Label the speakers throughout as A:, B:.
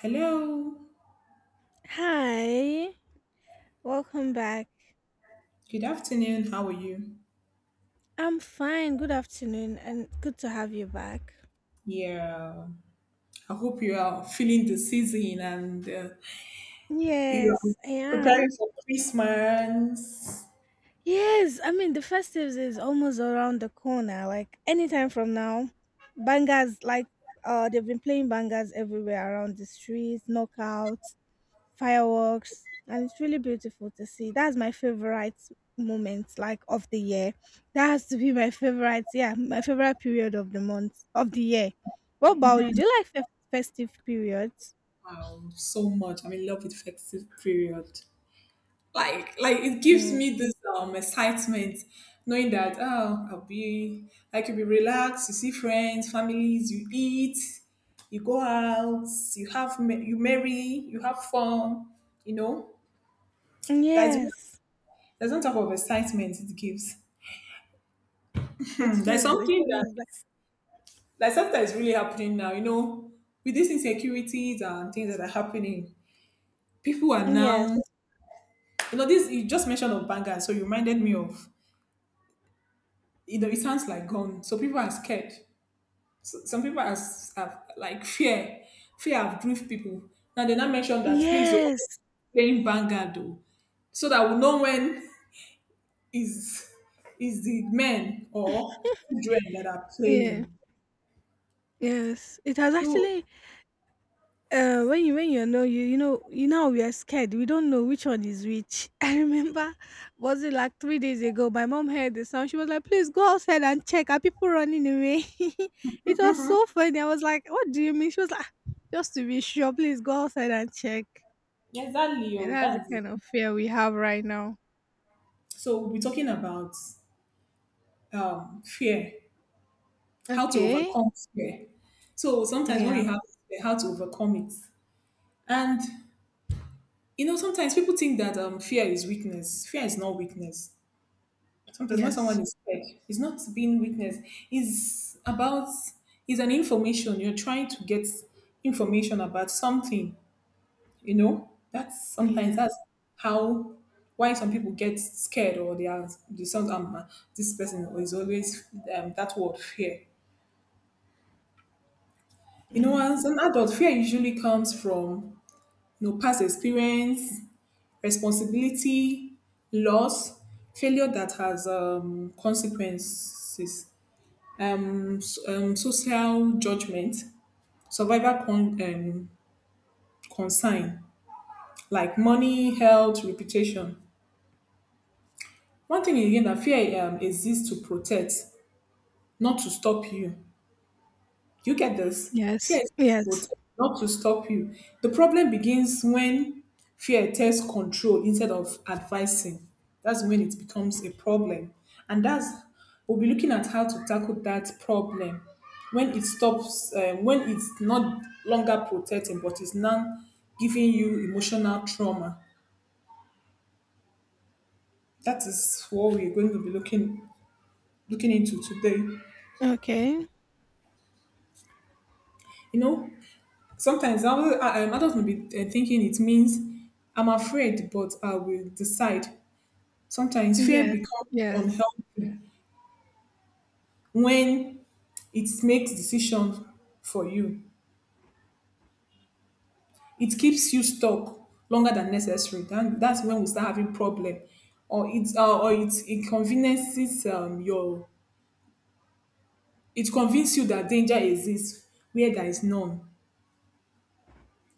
A: Hello.
B: Hi, welcome back.
A: Good afternoon. How are you?
B: I'm fine. Good afternoon and good to have you back.
A: Yeah, I hope you are feeling the season and you are
B: Yes, I
A: preparing
B: am.
A: for Christmas.
B: Yes, I mean the festives is almost around the corner. Like anytime from now, bangers like they've been playing bangers everywhere around the streets, knockouts, fireworks and it's really beautiful to see. That's my favorite moment, like, of the year. That has to be my favorite. Yeah, my favorite period of the month of the year. What about you, do you like festive periods?
A: Wow, so much. I'm in love with festive period. Like it gives
B: No.
A: me this excitement, knowing that oh, I could be relaxed. You see friends, families. You eat, you go out, you marry, you have fun. You know, that's
B: Yes.
A: there's no type of excitement it gives. Hmm,
B: It
A: there's
B: is, it
A: something that
B: is like-
A: like something that is really happening now, with these insecurities and things that are happening, people are
B: yes,
A: now this you just mentioned of bangers, so you reminded me of it sounds like gone. So people are scared. So, some people are like fear. Fear have drift people. Now they now mention that please oh,
B: yes,
A: playing banger though. So that we know when is is the men or children that are
B: yeah.
A: playing.
B: Yes, it has
A: So
B: actually. When you when you know you know we are scared. We don't know which one is which. I remember, was it like 3 days ago? My mom heard the sound. She was like, "Please go outside and check. Are people running away?" It was so funny. I was like, "What do you mean?" She was like, "Ah, just to be sure, please go outside and check."
A: exactly.
B: And
A: Oh,
B: that's the
A: that's it.
B: kind of fear we have right now.
A: So we'll be talking about fear, how to
B: Okay.
A: overcome fear. So sometimes when you
B: Yeah.
A: have fear, how to overcome it, and you know sometimes people think that fear is weakness. Fear is not weakness. Sometimes when someone
B: Yes.
A: is scared, it's not being weakness. It's about it's an information you're trying to get information about something. You know, that's sometimes
B: Yeah.
A: that's how why some people get scared or they sound this person is always that word fear. You know,
B: Yeah.
A: as an adult, fear usually comes from past experience, responsibility, loss, failure that has consequences, social judgment, survivor concern like money, health, reputation. One thing again that fear exists to protect, not to stop you. You get this? Fear
B: Yes.
A: is to
B: Yes.
A: protect, not to stop you. The problem begins when fear takes control instead of advising. That's when it becomes a problem. And we'll be looking at how to tackle that problem when it stops, when it's not longer protecting, but it's now giving you emotional trauma. That is what we're going to be looking into today.
B: Okay.
A: You know, sometimes adults may be thinking it means I'm afraid, but I will decide. Sometimes fear
B: Yes.
A: becomes
B: Yes.
A: unhealthy when it makes decisions for you. It keeps you stuck longer than necessary. Then that's when we start having problem, or it's or it inconveniences your. It convinces you that danger exists where there is none.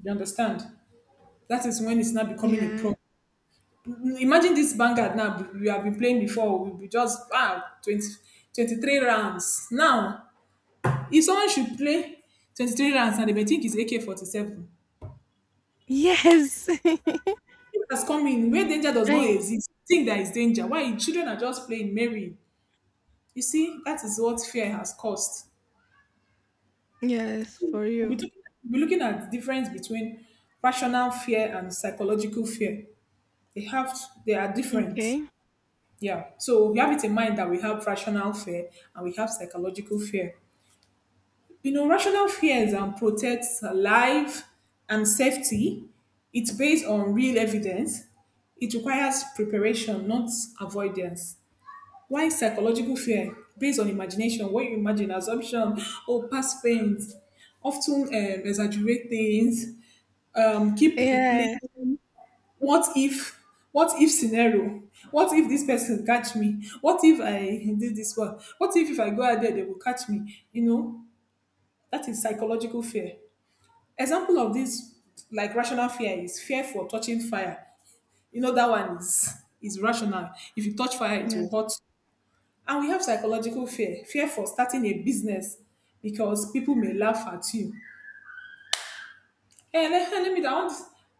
A: You understand? That is when it's not becoming a
B: Yeah.
A: problem. Imagine this Vanguard now we have been playing before, we be just 23 rounds. Now, if someone should play 23 rounds and they may think it's AK-47,
B: Yes.
A: it has come in where danger does not
B: I—
A: exist. Think there is danger. Why children are just playing merry. You see, that is what fear has caused.
B: yes, for
A: We'll be,
B: you.
A: talking, we'll be looking at the difference between rational fear and psychological fear. They have they are different.
B: Okay.
A: Yeah. So we have it in mind that we have rational fear and we have psychological fear. You know, rational fears and protects life and safety. It's based on real evidence. It requires preparation, not avoidance. Why psychological fear? Based on imagination, what you imagine, assumption, or past pains, often exaggerate things, keep
B: Yeah.
A: replaying what if, what if scenario, what if this person catch me, what if I did this one, what if I go out there they will catch me, that is psychological fear. Example of this, like rational fear, is fear for touching fire. You know that one is rational. If you touch fire, it will
B: Yes.
A: hurt. And we have psychological fear, fear for starting a business because people may laugh at you. Hey, let me down.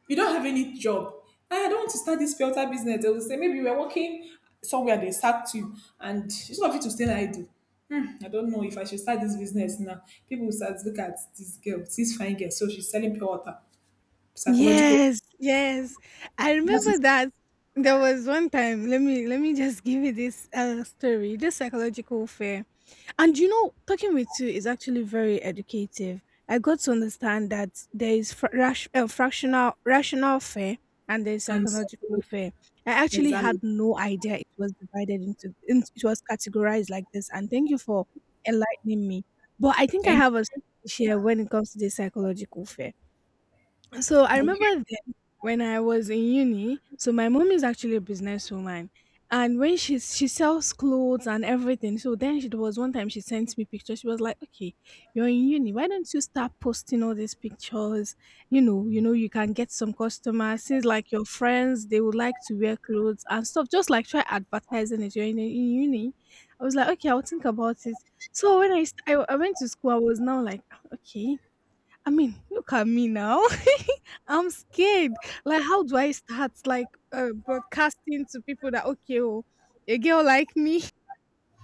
A: You don't have any job. "Hey, I don't want to start this filter business. They will say maybe you were working somewhere they sacked you, and instead of you to stay idle, I don't know if I should start this business now. People will start look at this girl, this fine girl. So she's selling pure water. Psychological.
B: Yes, yes. I remember
A: That's
B: that there was one time, let me just give you this story, this psychological fear. And you know, talking with you is actually very educative. I got to understand that there is fractional rational fare, and there is
A: and
B: psychological
A: support.
B: fare. I actually
A: Exactly.
B: had no idea it was divided it was categorized like this. And thank you for enlightening me. But I think I
A: Thank
B: have a story to share when it comes to the psychological fare. So I
A: you. Okay.
B: remember then when I was in uni. So my mom is actually a businesswoman, and when she sells clothes and everything. So then she there was one time she sent me pictures. She was like, "Okay, you're in uni. Why don't you start posting all these pictures? You know, you can get some customers. Since like your friends, they would like to wear clothes and stuff. Just like try advertising it. You're in uni." I was like, "Okay, I'll think about it." So when I went to school, I was now like, "Ah, okay." I mean, look at me now. I'm scared. Like, how do I start, like, broadcasting to people that, okay, oh, a girl like me,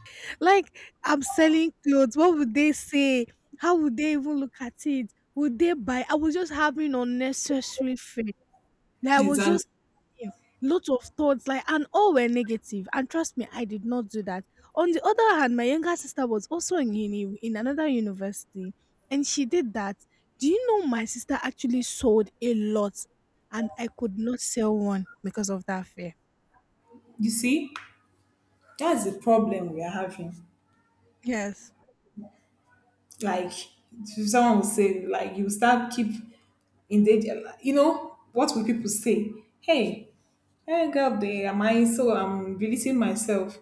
B: like, I'm selling clothes. What would they say? How would they even look at it? Would they buy? I was just having unnecessary fear. Like, I was
A: Exactly.
B: just him, lots of thoughts, like, and all were negative. And trust me, I did not do that. On the other hand, my younger sister was also in uni, in another university, and she did that. Do you know my sister actually sold a lot, and I could not sell one because of that fear.
A: You see, that's the problem we are having.
B: Yes,
A: Like someone will say, like you start keep in the what will people say? Hey, hey girl they am I so I'm releasing myself.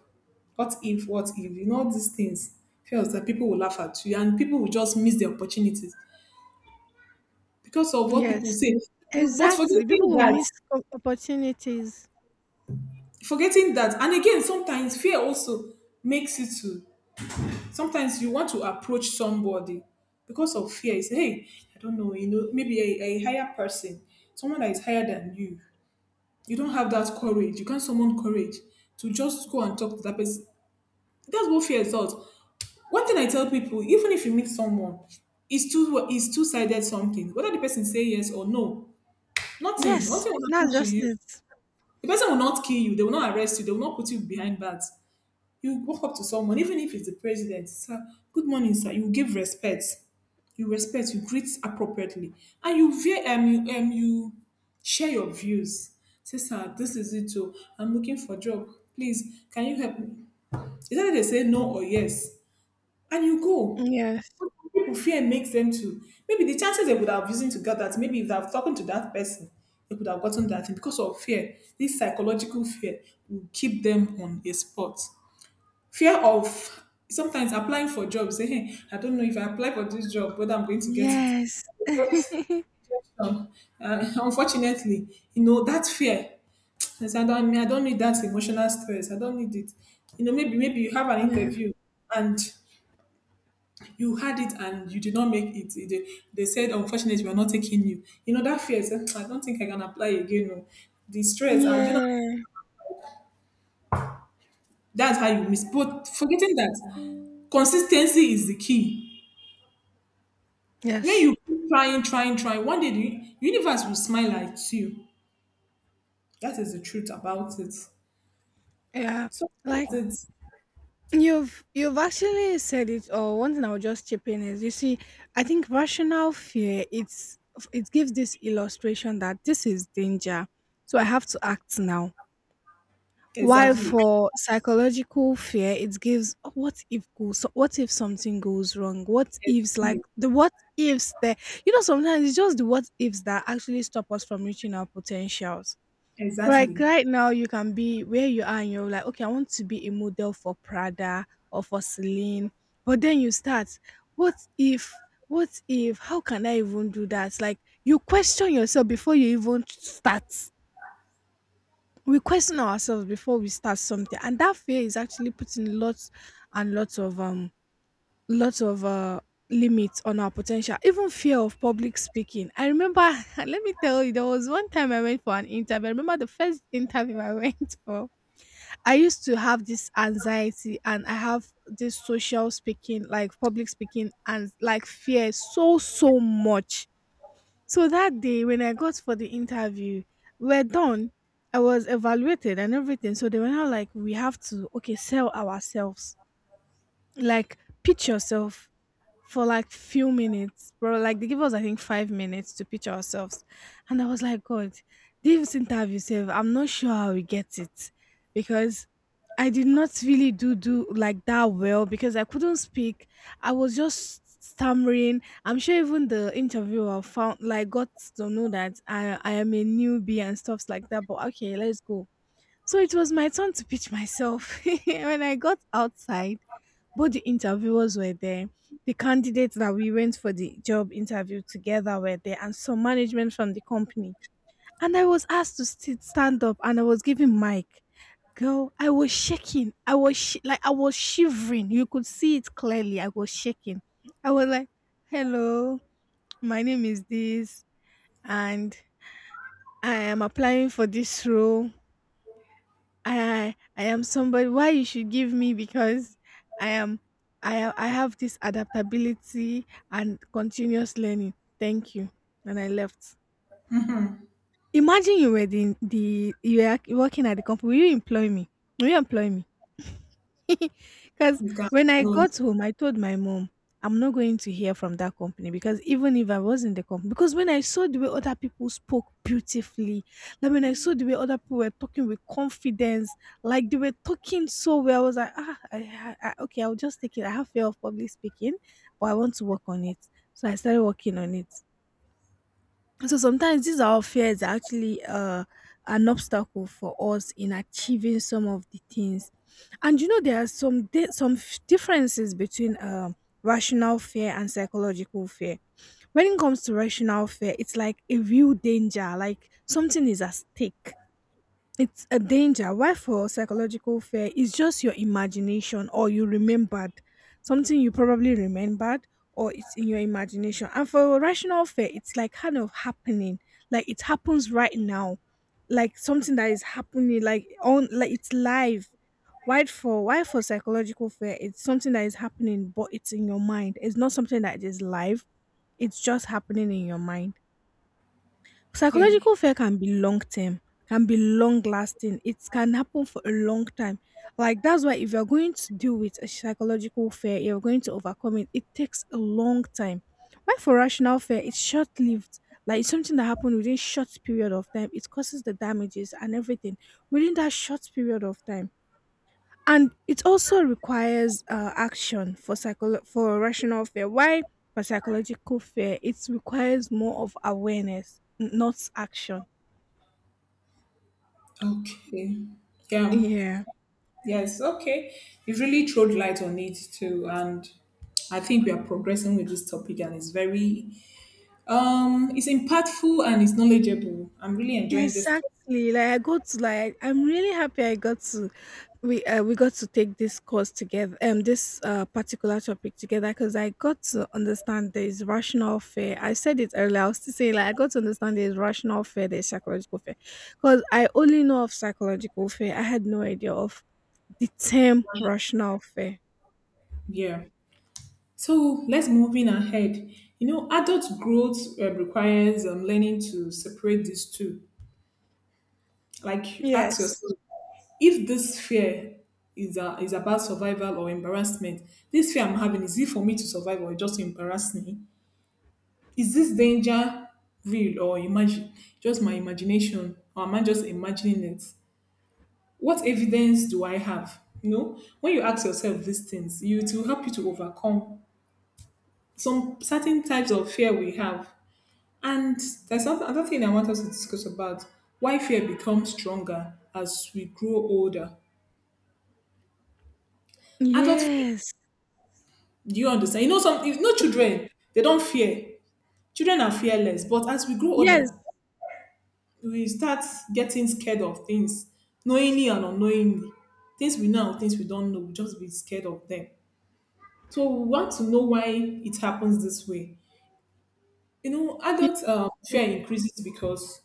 A: What if, what if? You know these things. Feels that people will laugh at you and people will just miss the opportunities because of what
B: yes,
A: people say. But
B: exactly. People will miss opportunities.
A: forgetting that, and again, sometimes fear also makes you to sometimes you want to approach somebody because of fear. You say, hey, I don't know, you know, maybe a higher person, someone that is higher than you. You don't have that courage. You can't summon courage to just go and talk to that person. That's what fear is all. One thing I tell people, even if you meet someone, it's two sided something. Whether the person say yes or no, nothing,
B: Yes,
A: nothing will
B: that's
A: happen to
B: just
A: you.
B: it.
A: The person will not kill you. They will not arrest you. They will not put you behind bars. You walk up to someone, even if it's the president, sir, good morning, sir. You give respect. You respect, you greet appropriately. And you share your views. Say, sir, this is it too. I'm looking for job. Please, can you help me? Is that they say no or yes? And you go.
B: Yes,
A: But some people fear makes them to. Maybe the chances they would have used to get that, maybe if they have talked to that person, they could have gotten that. And because of fear, this psychological fear will keep them on a spot fear of sometimes applying for jobs say hey I don't know if I apply for this job whether I'm going to get it.
B: yes,
A: uh, Unfortunately, you know that fear, I say, I mean, I don't need that emotional stress. I don't need it. You know maybe you have an
B: yeah,
A: interview and you had it and you did not make it. They said unfortunately we're not taking you. You know that fear say, "Hmm, I don't think I can apply again. No. The stress and
B: yeah,
A: that's how you miss, but forgetting that consistency is the key. When
B: yes,
A: you keep trying, trying, trying, one day the universe will smile at you. That is the truth about it.
B: yeah.
A: So
B: Like—
A: it's
B: you've actually said it. Or one thing I'll just chip in is, you see, I think rational fear, it's— it gives this illustration that this is danger, so I have to act now. While
A: exactly,
B: for psychological fear, it gives, "Oh, what if goes— so what if something goes wrong? What ifs, like
A: exactly,
B: the what ifs there?" You know, sometimes it's just the what ifs that actually stop us from reaching our potentials. Like
A: exactly.
B: right now, you can be where you are and you're like, okay, I want to be a model for Prada or for Celine. But then you start, what if, what if, how can I even do that? Like, you question yourself before you even start. We question ourselves before we start something. And that fear is actually putting lots and lots of limits on our potential. Even fear of public speaking. I remember let me tell you, there was one time I went for an interview. I remember the first interview I went for— I used to have this anxiety and I have this social speaking, like public speaking and like fear so, so much. So that day when I got for the interview, we're done. I was evaluated and everything. So they were now like, we have to, okay, sell ourselves. Like, pitch yourself for like few minutes, bro. Like they give us, I think, 5 minutes to pitch ourselves. And I was like, God, this interview, save. I'm not sure how we get it because I did not really do like that well because I couldn't speak. I was just stammering. I'm sure even the interviewer found like got to know that I am a newbie and stuffs like that. But okay, let's go. So it was my turn to pitch myself. When I got outside, both the interviewers were there, the candidates that we went for the job interview together were there, and some management from the company. And I was asked to sit, stand up, and I was given mic. Girl, I was shaking. I was I was shivering. You could see it clearly. I was shaking. I was like, "Hello, my name is this, and I am applying for this role. I am somebody why you should give me because I am I ha- I have this adaptability and continuous learning. Thank you." And I left. Imagine you were the you were working at the company. Will you employ me? Will you employ me? Because
A: You can
B: when I
A: no,
B: got home, I told my mom, I'm not going to hear from that company. Because even if I was in the company, because when I saw the way other people spoke beautifully, like when I saw the way other people were talking with confidence, like they were talking so well, I was like, ah, okay, I'll just take it. I have fear of public speaking, but I want to work on it. So I started working on it. So sometimes these our fears are actually an obstacle for us in achieving some of the things. And you know, there are some differences between rational fear and psychological fear. When it comes to rational fear, it's like a real danger, like something is at stake. It's a danger. Why for psychological fear is just your imagination, or you remembered something, you probably remembered, or it's in your imagination. And for rational fear, it's like kind of happening, like it happens right now, like something that is happening, like on, like it's live. Why for— why for psychological fear? It's something that is happening, but it's in your mind. It's not something that is live. It's just happening in your mind.
A: yeah.
B: Psychological fear can be long term, can be long lasting. It can happen for a long time. Like that's why if you're going to deal with a psychological fear, you're going to overcome it. It takes a long time. Why for rational fear, it's short lived. Like it's something that happened within short period of time. It causes the damages and everything within that short period of time. And it also requires action for for rational fear. Why for psychological fear, it requires more of awareness, not action.
A: Okay. Yeah.
B: Yeah,
A: Yes. Okay. You really throwed light on it too, and I think we are progressing with this topic, and it's impactful and it's knowledgeable. I'm really enjoying this topic.
B: exactly. Like, I got to like— I'm really happy I got to— we got to take this course together, this particular topic together, because I got to understand there is rational fear. I said it earlier, I was to say like, I got to understand there is rational fear, there is psychological fear. Because I only know of psychological fear, I had no idea of the term "rational fear."
A: Yeah. So let's move in ahead. You know, adult growth requires learning to separate these two. Like, ask
B: Yes.
A: yourself if this fear is about survival or embarrassment. This fear I'm having is it for me to survive or just to embarrass me? Is this danger real or imagine just my imagination or am I just imagining it? What evidence do I have? You know, when you ask yourself these things, you it will help you to overcome some certain types of fear we have. And there's something, another thing I want us to discuss about why fear becomes stronger as we grow older. Adult fear,
B: Yes.
A: do you understand? You know, some children, they don't fear. Children are fearless, but as we grow
B: Yes.
A: older, we start getting scared of things, knowingly and unknowingly. Things we know, and things we don't know, we just be scared of them. So we want to know why it happens this way. You know,
B: Y—
A: adult fear increases because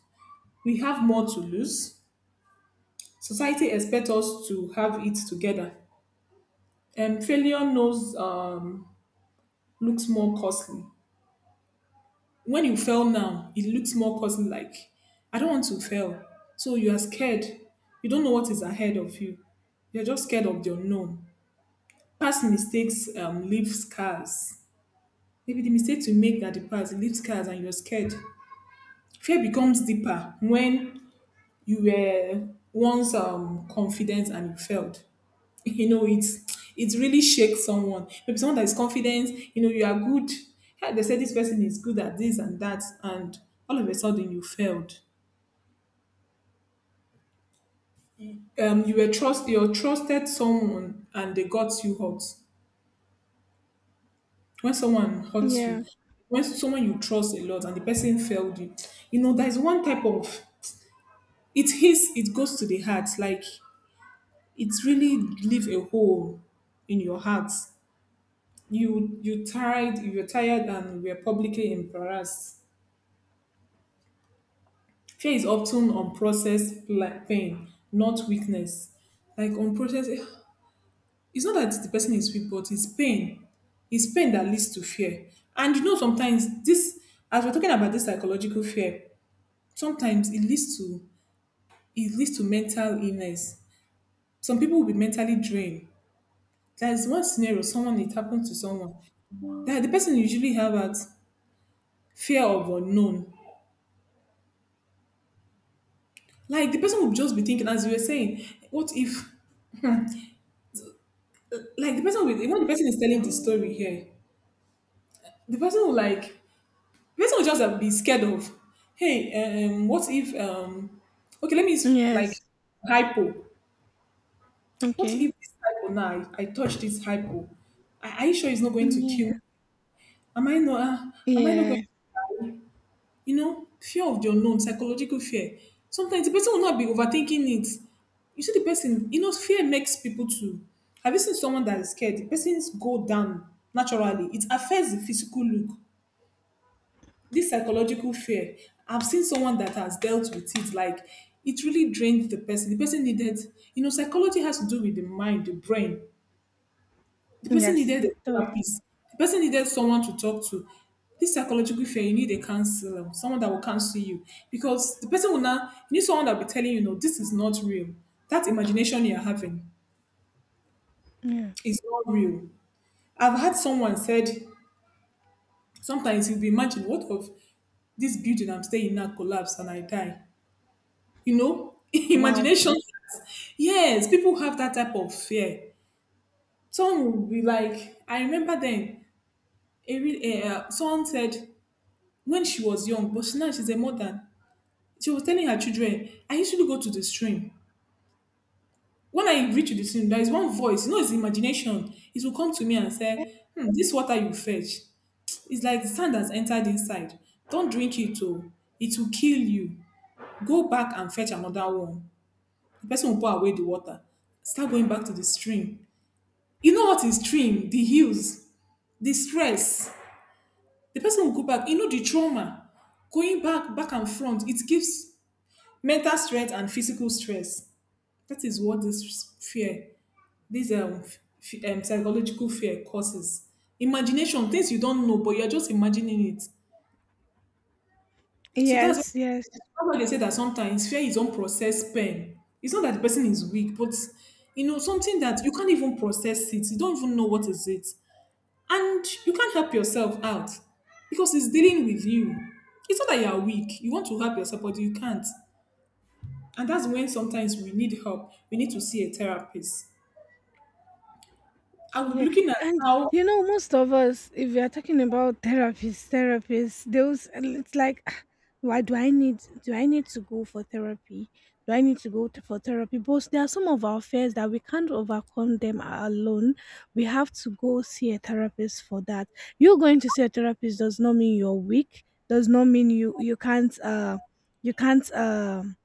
A: we have more to lose. Society expects us to have it together, and failure knows looks more costly. When you fail now, it looks more costly. Like I don't want to fail, so you are scared. You don't know what is ahead of you. You're just scared of the unknown. Past mistakes leave scars. Maybe the mistakes you make at the past leave scars, and you're scared. Fear becomes deeper when you were once confident and you failed. You know it really shakes someone, maybe someone that is confident. You know you are good. Hey, they say this person is good at this and that, and all of a sudden you failed. You trusted someone and they got you hurt. When someone hurts you,
B: yeah.
A: when someone you trust a lot and the person failed you, you know there's one type of it hits, it goes to the heart. Like it really leave a hole in your heart. You were tired and you were publicly embarrassed. Fear is often unprocessed pain, not weakness. Like unprocessed, it's not that the person is weak, but it's pain. It's pain that leads to fear. And you know, sometimes as we're talking about this psychological fear, sometimes it leads to mental illness. Some people will be mentally drained. There's one scenario, someone it happened to someone that the person usually have at fear of unknown. Like the person will just be thinking, as you were saying, what if? Like when the person is telling the story here, the person will like the person will just be scared of, hey, what if, okay, let me use, like,
B: Yes.
A: hypo. What
B: Okay.
A: if this hypo now, I touch this hypo, are you sure it's not going to kill?
B: Yeah.
A: Am I not am I not going
B: Yeah.
A: to die? You know, fear of the unknown, psychological fear, sometimes the person will not be overthinking it. You see the person, you know, fear makes people to, have you seen someone that is scared? The person's go down. Naturally, it affects the physical look, this psychological fear. I've seen someone that has dealt with it. Like, it really drained the person. The person needed, you know, psychology has to do with the mind, the brain. The person
B: Yes,
A: needed
B: it
A: a
B: does.
A: therapist. The person needed someone to talk to. This psychological fear, you need a counselor, someone that will counsel you. Because the person will now, you need someone that will be telling you, no, this is not real. That imagination you're having
B: Yeah.
A: is not real. I've had someone said sometimes you'll be imagining, what if this building I'm staying in now collapse and I die? You know,
B: Wow.
A: imagination. Yes, people have that type of fear. Some will be like, I remember then, someone said when she was young, but now she's a mother, she was telling her children, I used to go to the stream. When I reach the stream, there is one voice, you know, it's imagination, it will come to me and say, hmm, this water you fetch, it's like the sand has entered inside, don't drink it, oh, it will kill you. Go back and fetch another one. The person will pour away the water, start going back to the stream. You know what is stream, the hills, the stress. The person will go back. You know, the trauma, going back, back and front. It gives mental stress and physical stress. That is what this fear, this psychological fear causes. Imagination, things you don't know, but you're just imagining it. So that's why
B: Yes, yes.
A: that's why they say that sometimes fear is unprocessed pain. It's not that the person is weak, but you know, something that you can't even process it. You don't even know what is it. And you can't help yourself out because it's dealing with you. It's not that you are weak. You want to help yourself, but you can't. And that's when sometimes we need help. We need to see a therapist. I will be
B: Yeah.
A: looking at
B: And
A: how,
B: you know, most of us, if we are talking about therapists, therapists, those, it's like, "Ah, why do I need— do I need to go for therapy? Do I need to go to, for therapy?" But there are some of our fears that we can't overcome them alone. We have to go see a therapist for that. You going to see a therapist does not mean you're weak, does not mean you can't you can't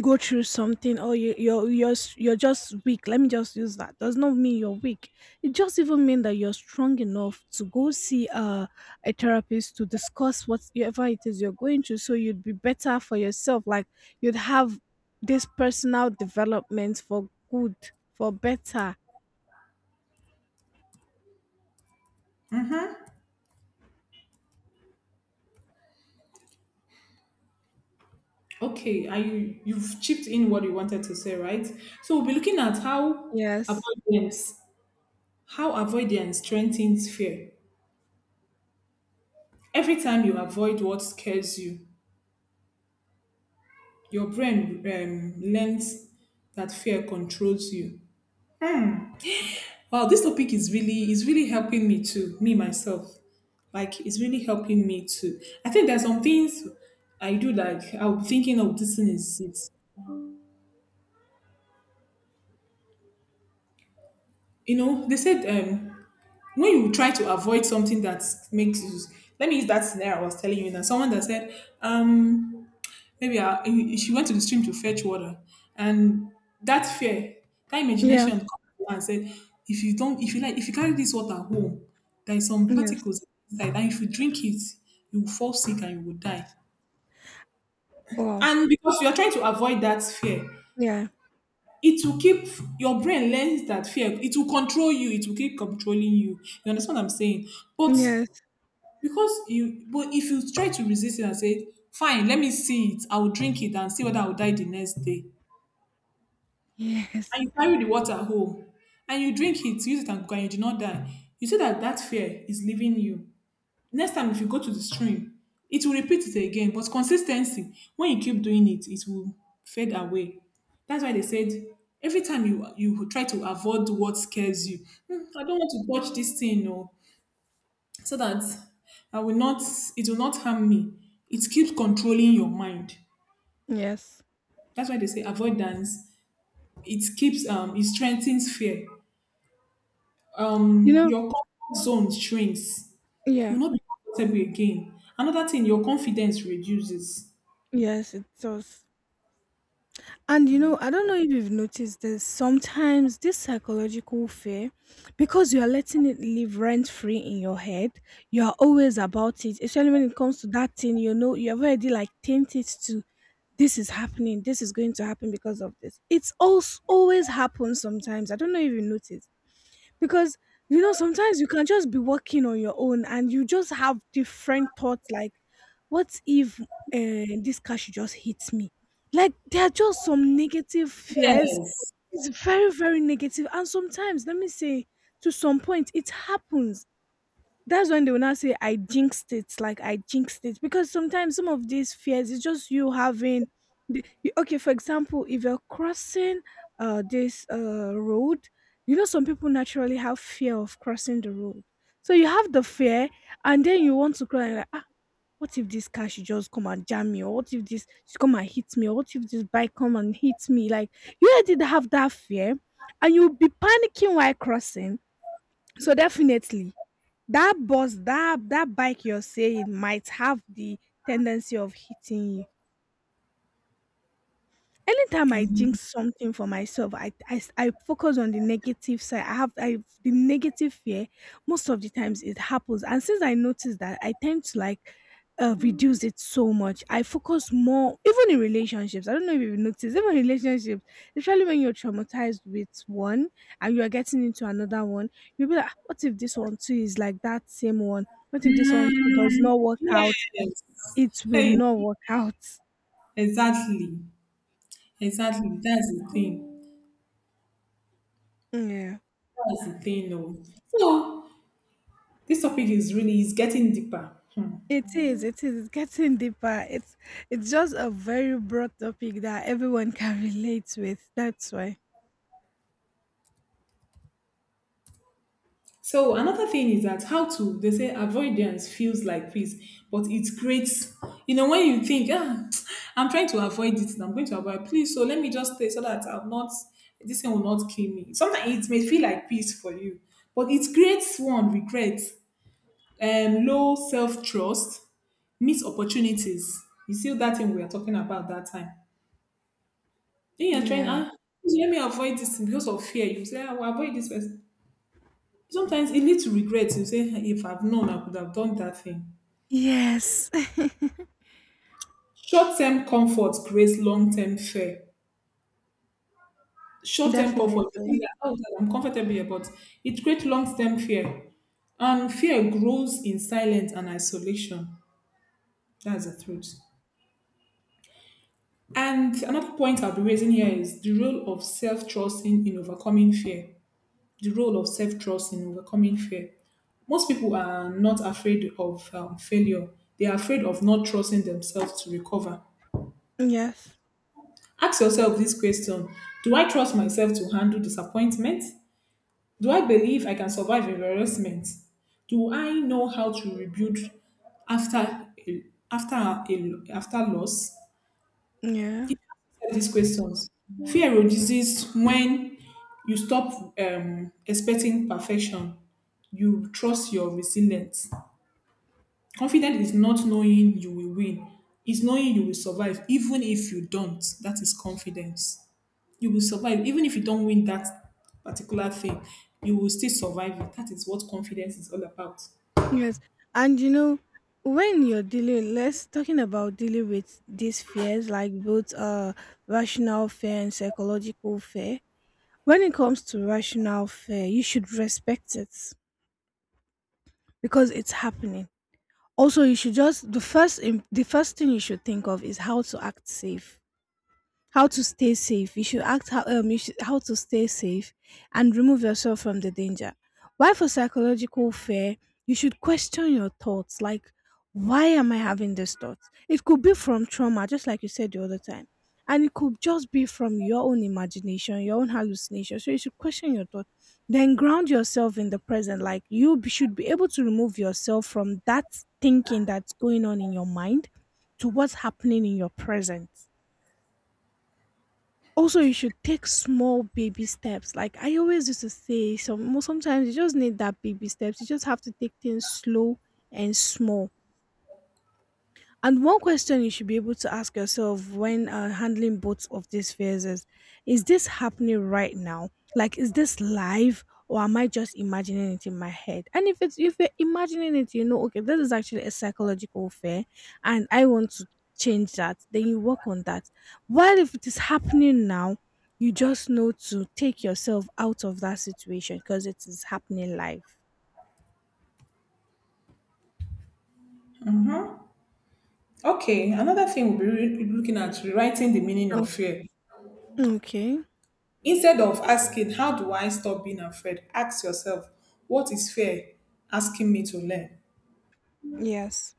B: go through something or you're you're just weak, let me just use that, does not mean you're weak, it just even mean that you're strong enough to go see a therapist to discuss whatever it is you're going through so you'd be better for yourself, like you'd have this personal development for good, for better.
A: okay, I, you've chipped in what you wanted to say, right? So we'll be looking at
B: Yes.
A: avoidance, how avoidance strengthens fear. Every time you avoid what scares you, your brain learns that fear controls you. Wow, this topic is really helping me too, me myself. Like, it's really helping me too. I think there's some things I do, like I'll be thinking of this thing is it. You know, they said, when you try to avoid something that makes you, let me use that scenario I was telling you now. Someone that said, um maybe I, she went to the stream to fetch water, and that fear, that
B: Yeah.
A: imagination, come to her and said, "If you don't, if you like, if you carry this water home, there is some
B: Yes.
A: particles inside, and if you drink it, you will fall sick and you will die."
B: Wow.
A: And because you are trying to avoid that fear,
B: Yeah.
A: it will keep your brain learns that fear. It will control you. It will keep controlling you. You understand what I'm saying? But
B: Yes.
A: but if you try to resist it and say, "Fine, let me see it. I will drink it and see whether I will die the next day,"
B: Yes.
A: and you carry the water home and you drink it, use it and cook, and you did not die. You see that that fear is leaving you. Next time, if you go to the stream, it will repeat it again. But consistency, when you keep doing it, it will fade away. That's why they said every time you try to avoid what scares you. "Hmm, I don't want to touch this thing, no, so that I will not. It will not harm me." It keeps controlling your mind.
B: Yes.
A: That's why they say avoidance, it strengthens fear.
B: You know.
A: Your comfort zone shrinks. You
B: Yeah.
A: will not be comfortable again. Another thing, your confidence reduces.
B: Yes, it does. And you know, I don't know if you've noticed this, sometimes this psychological fear, because you are letting it live rent free in your head, you are always about it, especially when it comes to that thing, you know, you have already like tainted to this is happening, this is going to happen because of this. It's also always happens sometimes. I don't know if you noticed because you know sometimes you can just be working on your own and you just have different thoughts like what if this car should just hit me, like there are just some negative fears.
A: Yes,
B: It's very very negative negative. And sometimes let me say to some point it happens, that's when they will now say I jinxed it, like I jinxed it. Because sometimes some of these fears is just you having okay, for example, if you're crossing this road, you know some people naturally have fear of crossing the road. So you have the fear and then you want to cry and you're like ah, what if this car should just come and jam me, or what if this should come and hit me, or what if this bike come and hit me, like you already have that fear and you'll be panicking while crossing, so definitely that bus, that bike you're saying might have the tendency of hitting you. Anytime I
A: exactly.
B: jinx something for myself, I focus on the negative side. I have the negative fear. Most of the times it happens, and since I noticed that, I tend to like reduce it so much. I focus more, even in relationships. I don't know if you have noticed, even relationships, especially when you're traumatized with one and you are getting into another one, you'll be like, "Ah, what if this one too is like that same one? What if this one too does
A: Mm,
B: not work out?
A: yes,
B: It will
A: hey,
B: not work out."
A: exactly, exactly, that's the thing,
B: Yeah.
A: that's the thing, oh. So, this topic is really is getting deeper. Hmm.
B: It is, it is. It's getting deeper. It's just a very broad topic that everyone can relate with. That's why.
A: So another thing is that how to, they say avoidance feels like peace, but it creates, you know, when you think, ah, I'm trying to avoid it and I'm going to avoid please, so let me just stay so that I'm not, this thing will not kill me. Sometimes it may feel like peace for you, but it creates one regret, low self trust, missed opportunities. You see that thing we are talking about that time. Then you're trying,
B: Yeah.
A: ah, let me avoid this because of fear. You say, "Ah, I will avoid this person," sometimes e lead to regret. You say, "Ah, if I've known, I could have done that thing."
B: Yes.
A: Short-term comfort creates long-term fear. Short-term comfort, you
B: Definitely.
A: think that, oh God, I'm comfortable here, but it creates long-term fear. And fear grows in silence and isolation. That's the truth. And another point I'll be raising here is the role of self-trust in overcoming fear. The role of self-trust in overcoming fear. Most people are not afraid of failure. They are afraid of not trusting themselves to recover.
B: Yes.
A: Ask yourself this question: Do I trust myself to handle disappointment? Do I believe I can survive embarrassment? Do I know how to rebuild after a, after loss? If
B: Yeah.
A: you answer these questions, fear reduces when you stop expecting perfection. You trust your resilience. Confidence is not knowing you will win; it's knowing you will survive, even if you don't. That is confidence. You will survive even if you don't win that particular thing. You will still survive it. That is what confidence is all about.
B: Yes. And you know, when you're dealing, let's talking about dealing with these fears, like both rational fear and psychological fear. When it comes to rational fear, you should respect it because it's happening. Also, you should just the first thing you should think of is how to act safe. How to stay safe. You should act how you should, how to stay safe and remove yourself from the danger. Why for psychological fear, you should question your thoughts, like why am I having these thoughts? It could be from trauma, just like you said the other time. And it could just be from your own imagination, your own hallucination. So you should question your thought. Then ground yourself in the present. Like should be able to remove yourself from that thinking that's going on in your mind to what's happening in your present. Also, you should take small baby steps. Like I always used to say, sometimes you just need that baby steps. You just have to take things slow and small. And one question you should be able to ask yourself when handling both of these fears is this happening right now? Like, is this live or am I just imagining it in my head? And if it's if you're imagining it, you know, okay, this is actually a psychological fear and I want to change that, then you work on that. While if it is happening now, you just know to take yourself out of that situation because it is happening live.
A: Mhm. Okay, another thing we'll be looking at, rewriting the meaning
B: Oh,
A: of fear.
B: okay.
A: Instead of asking, how do I stop being afraid? Ask yourself, what is fear asking me to learn?
B: Yes.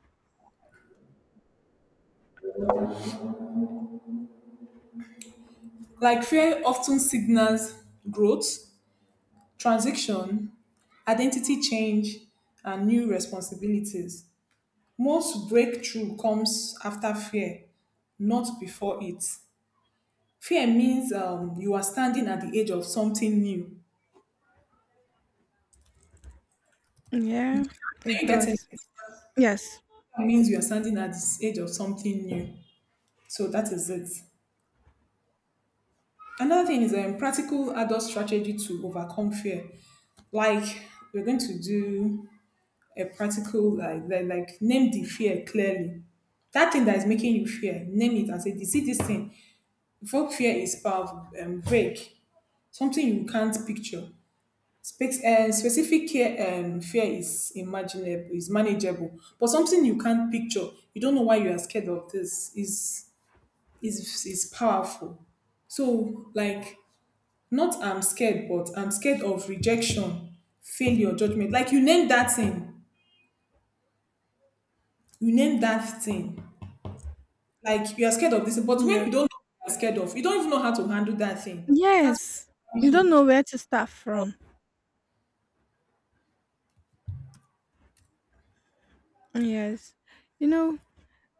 A: Like, fear often signals growth, transition, identity change, and new responsibilities. Most breakthrough comes after fear, not before it. Fear means, you are standing at the edge of something new.
B: Yeah,
A: Are
B: it
A: you getting
B: does.
A: it?
B: Yes.
A: Fear means you are standing at the edge of something new. So that is it. Another thing is a practical adult strategy to overcome fear. Like, we're going to do a practical, like, name the fear clearly. That thing that is making you fear, name it and say, "You see this thing." Before fear is powerful, break something you can't picture. Specific care, fear is imaginable, is manageable, but something you can't picture, you don't know why you are scared of this, is powerful. So like, not I'm scared, but I'm scared of rejection, failure, judgment. Like, you name that thing, you name that thing. Like, you are scared of this, but when
B: Yeah.
A: you don't know what you are scared of, you don't even know how to handle that thing. That's
B: Yes.
A: what happens
B: You don't
A: with.
B: know where to start from. Yes. You know,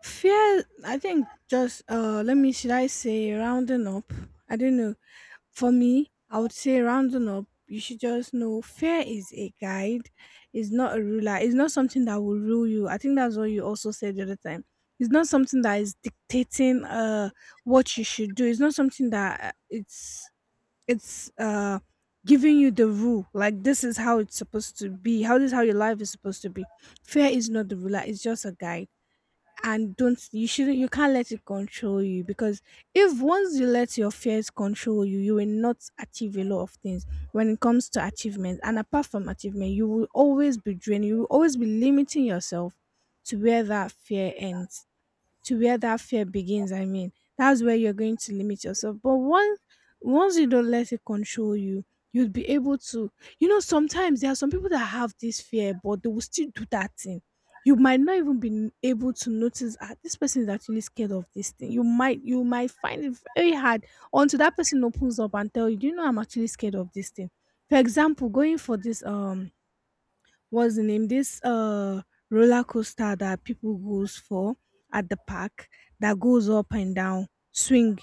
B: fear, I think just, let me, should I say rounding up? I don't know. For me, I would say rounding up, you should just know fear is a guide, it's not a ruler, it's not something that will rule you. I think that's what you also said the other time. It's not something that is dictating what you should do. It's not something that it's giving you the rule, like this is how it's supposed to be, how this is how your life is supposed to be. Fear is not the ruler, it's just a guide. And don't you shouldn't, you can't let it control you, because if once you let your fears control you, you will not achieve a lot of things when it comes to achievement. And apart from achievement, you will always be drained, you will always be limiting yourself to where that fear ends, to where that fear begins, I mean that's where you're going to limit yourself. But once you don't let it control you, you'll be able to, you know, sometimes there are some people that have this fear but they will still do that thing. You might not even be able to notice, ah, this person is actually scared of this thing. You might find it very hard until that person opens up and tell you, do you know I'm actually scared of this thing. For example, going for this what's the name, this roller coaster that people goes for at the park, that goes up and down swing,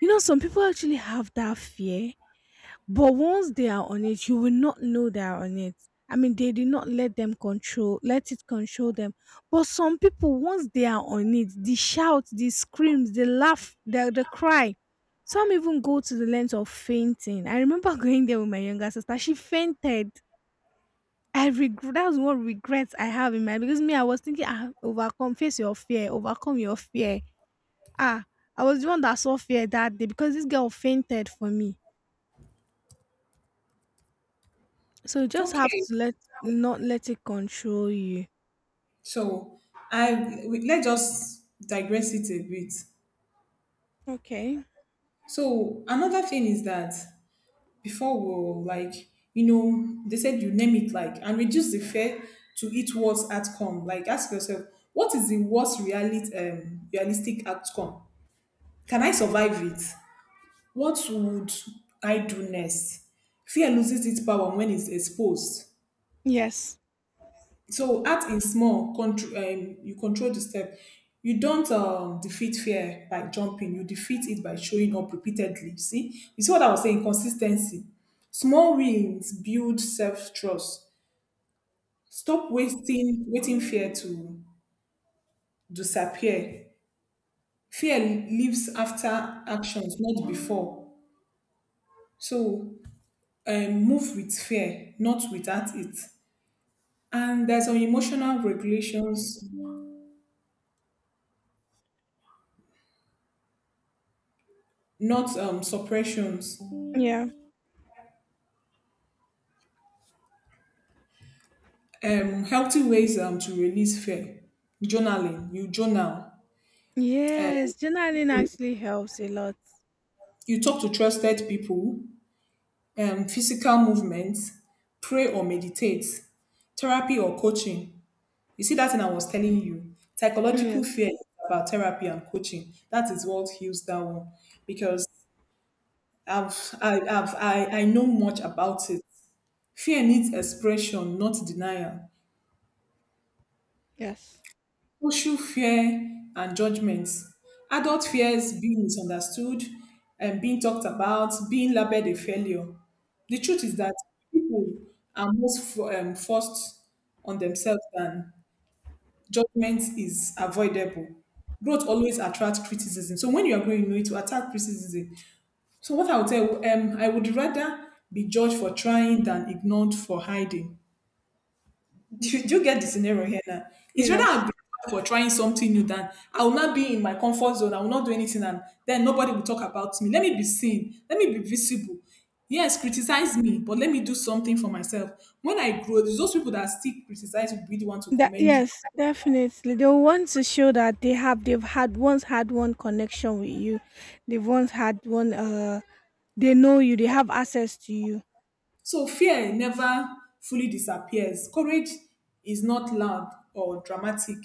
B: you know some people actually have that fear, but once they are on it you will not know they are on it. I mean they did not let them control, let it control them. But some people, once they are on it, the shout, the screams, the laugh, the cry, some even go to the length of fainting. I remember going there with my younger sister, she fainted. I regret, that's one regret I have in mind, because me, I was thinking, ah, overcome, face your fear, overcome your fear. Ah, I was the one that saw fear that day because this girl fainted for me. So you just have
A: Okay,
B: to let, not let it control you.
A: so let's just digress it a bit.
B: Okay.
A: So another thing is that before we, like, you know, they said you name it, like, and reduce the fear to its worst outcome. Like, ask yourself, what is the worst reality realistic outcome? Can I survive it? What would I do next? Fear loses its power when it's exposed.
B: Yes.
A: So act in small. Control. You control the step. You don't defeat fear by jumping. You defeat it by showing up repeatedly. See, you see what I was saying. Consistency. Small wins build self trust. Stop wasting waiting fear to disappear. Fear lives after actions, not before. So move with fear, not without it. And there's on emotional regulations, not suppressions.
B: Yeah.
A: Healthy ways to release fear: journaling, you journal, um
B: Yes. Journaling
A: so
B: actually helps a lot.
A: you talk to trusted people, physical movements, pray or meditate, therapy or coaching. You see that thing I was telling you, psychological
B: Yes.
A: fear is about therapy and coaching. That is what heals that one, because I've I have I know much about it. Fear needs expression, not denial.
B: Yes.
A: Social fear and judgments. Adult fears being misunderstood and being talked about, being labeled a failure. The truth is that people are most forced on themselves than judgment is avoidable. Growth always attracts criticism. So when you are growing, you need to attract criticism. So what I would tell, I would rather be judged for trying than ignored for hiding. Do you, you get the scenario here now? It's rather I'm
B: Yes.
A: grateful for trying something new than I will not be in my comfort zone. I will not do anything, and then nobody will talk about me. Let me be seen. Let me be visible. Yes, criticize me, but let me do something for myself. When I grow, it's those people that still criticize will be the one to
B: That
A: commend you.
B: yes, definitely. They want to show that they've had once had one connection with you. They've once had one they know you, they have access to you.
A: So fear never fully disappears. Courage is not loud or dramatic.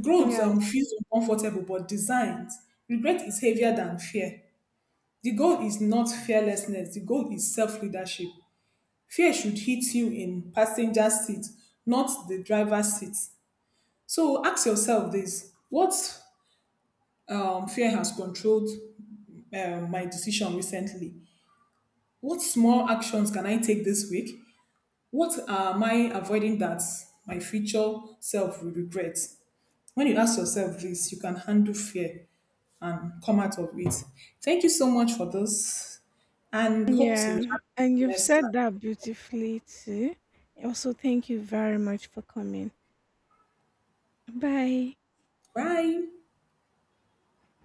A: Growth
B: Yes.
A: feels uncomfortable but designed. Regret is heavier than fear. The goal is not fearlessness, the goal is self leadership. Fear should hit you in passenger seat, not the driver's seat. So ask yourself this: what fear has controlled my decision recently? What small actions can I take this week? What am I avoiding that my future self will regret? When you ask yourself this, you can handle fear and come out of it. Thank you so much for this, and hope to have
B: Yeah. And
A: you
B: you've
A: next time.
B: said that beautifully too. Also, thank you very much for coming. Bye.
A: Bye.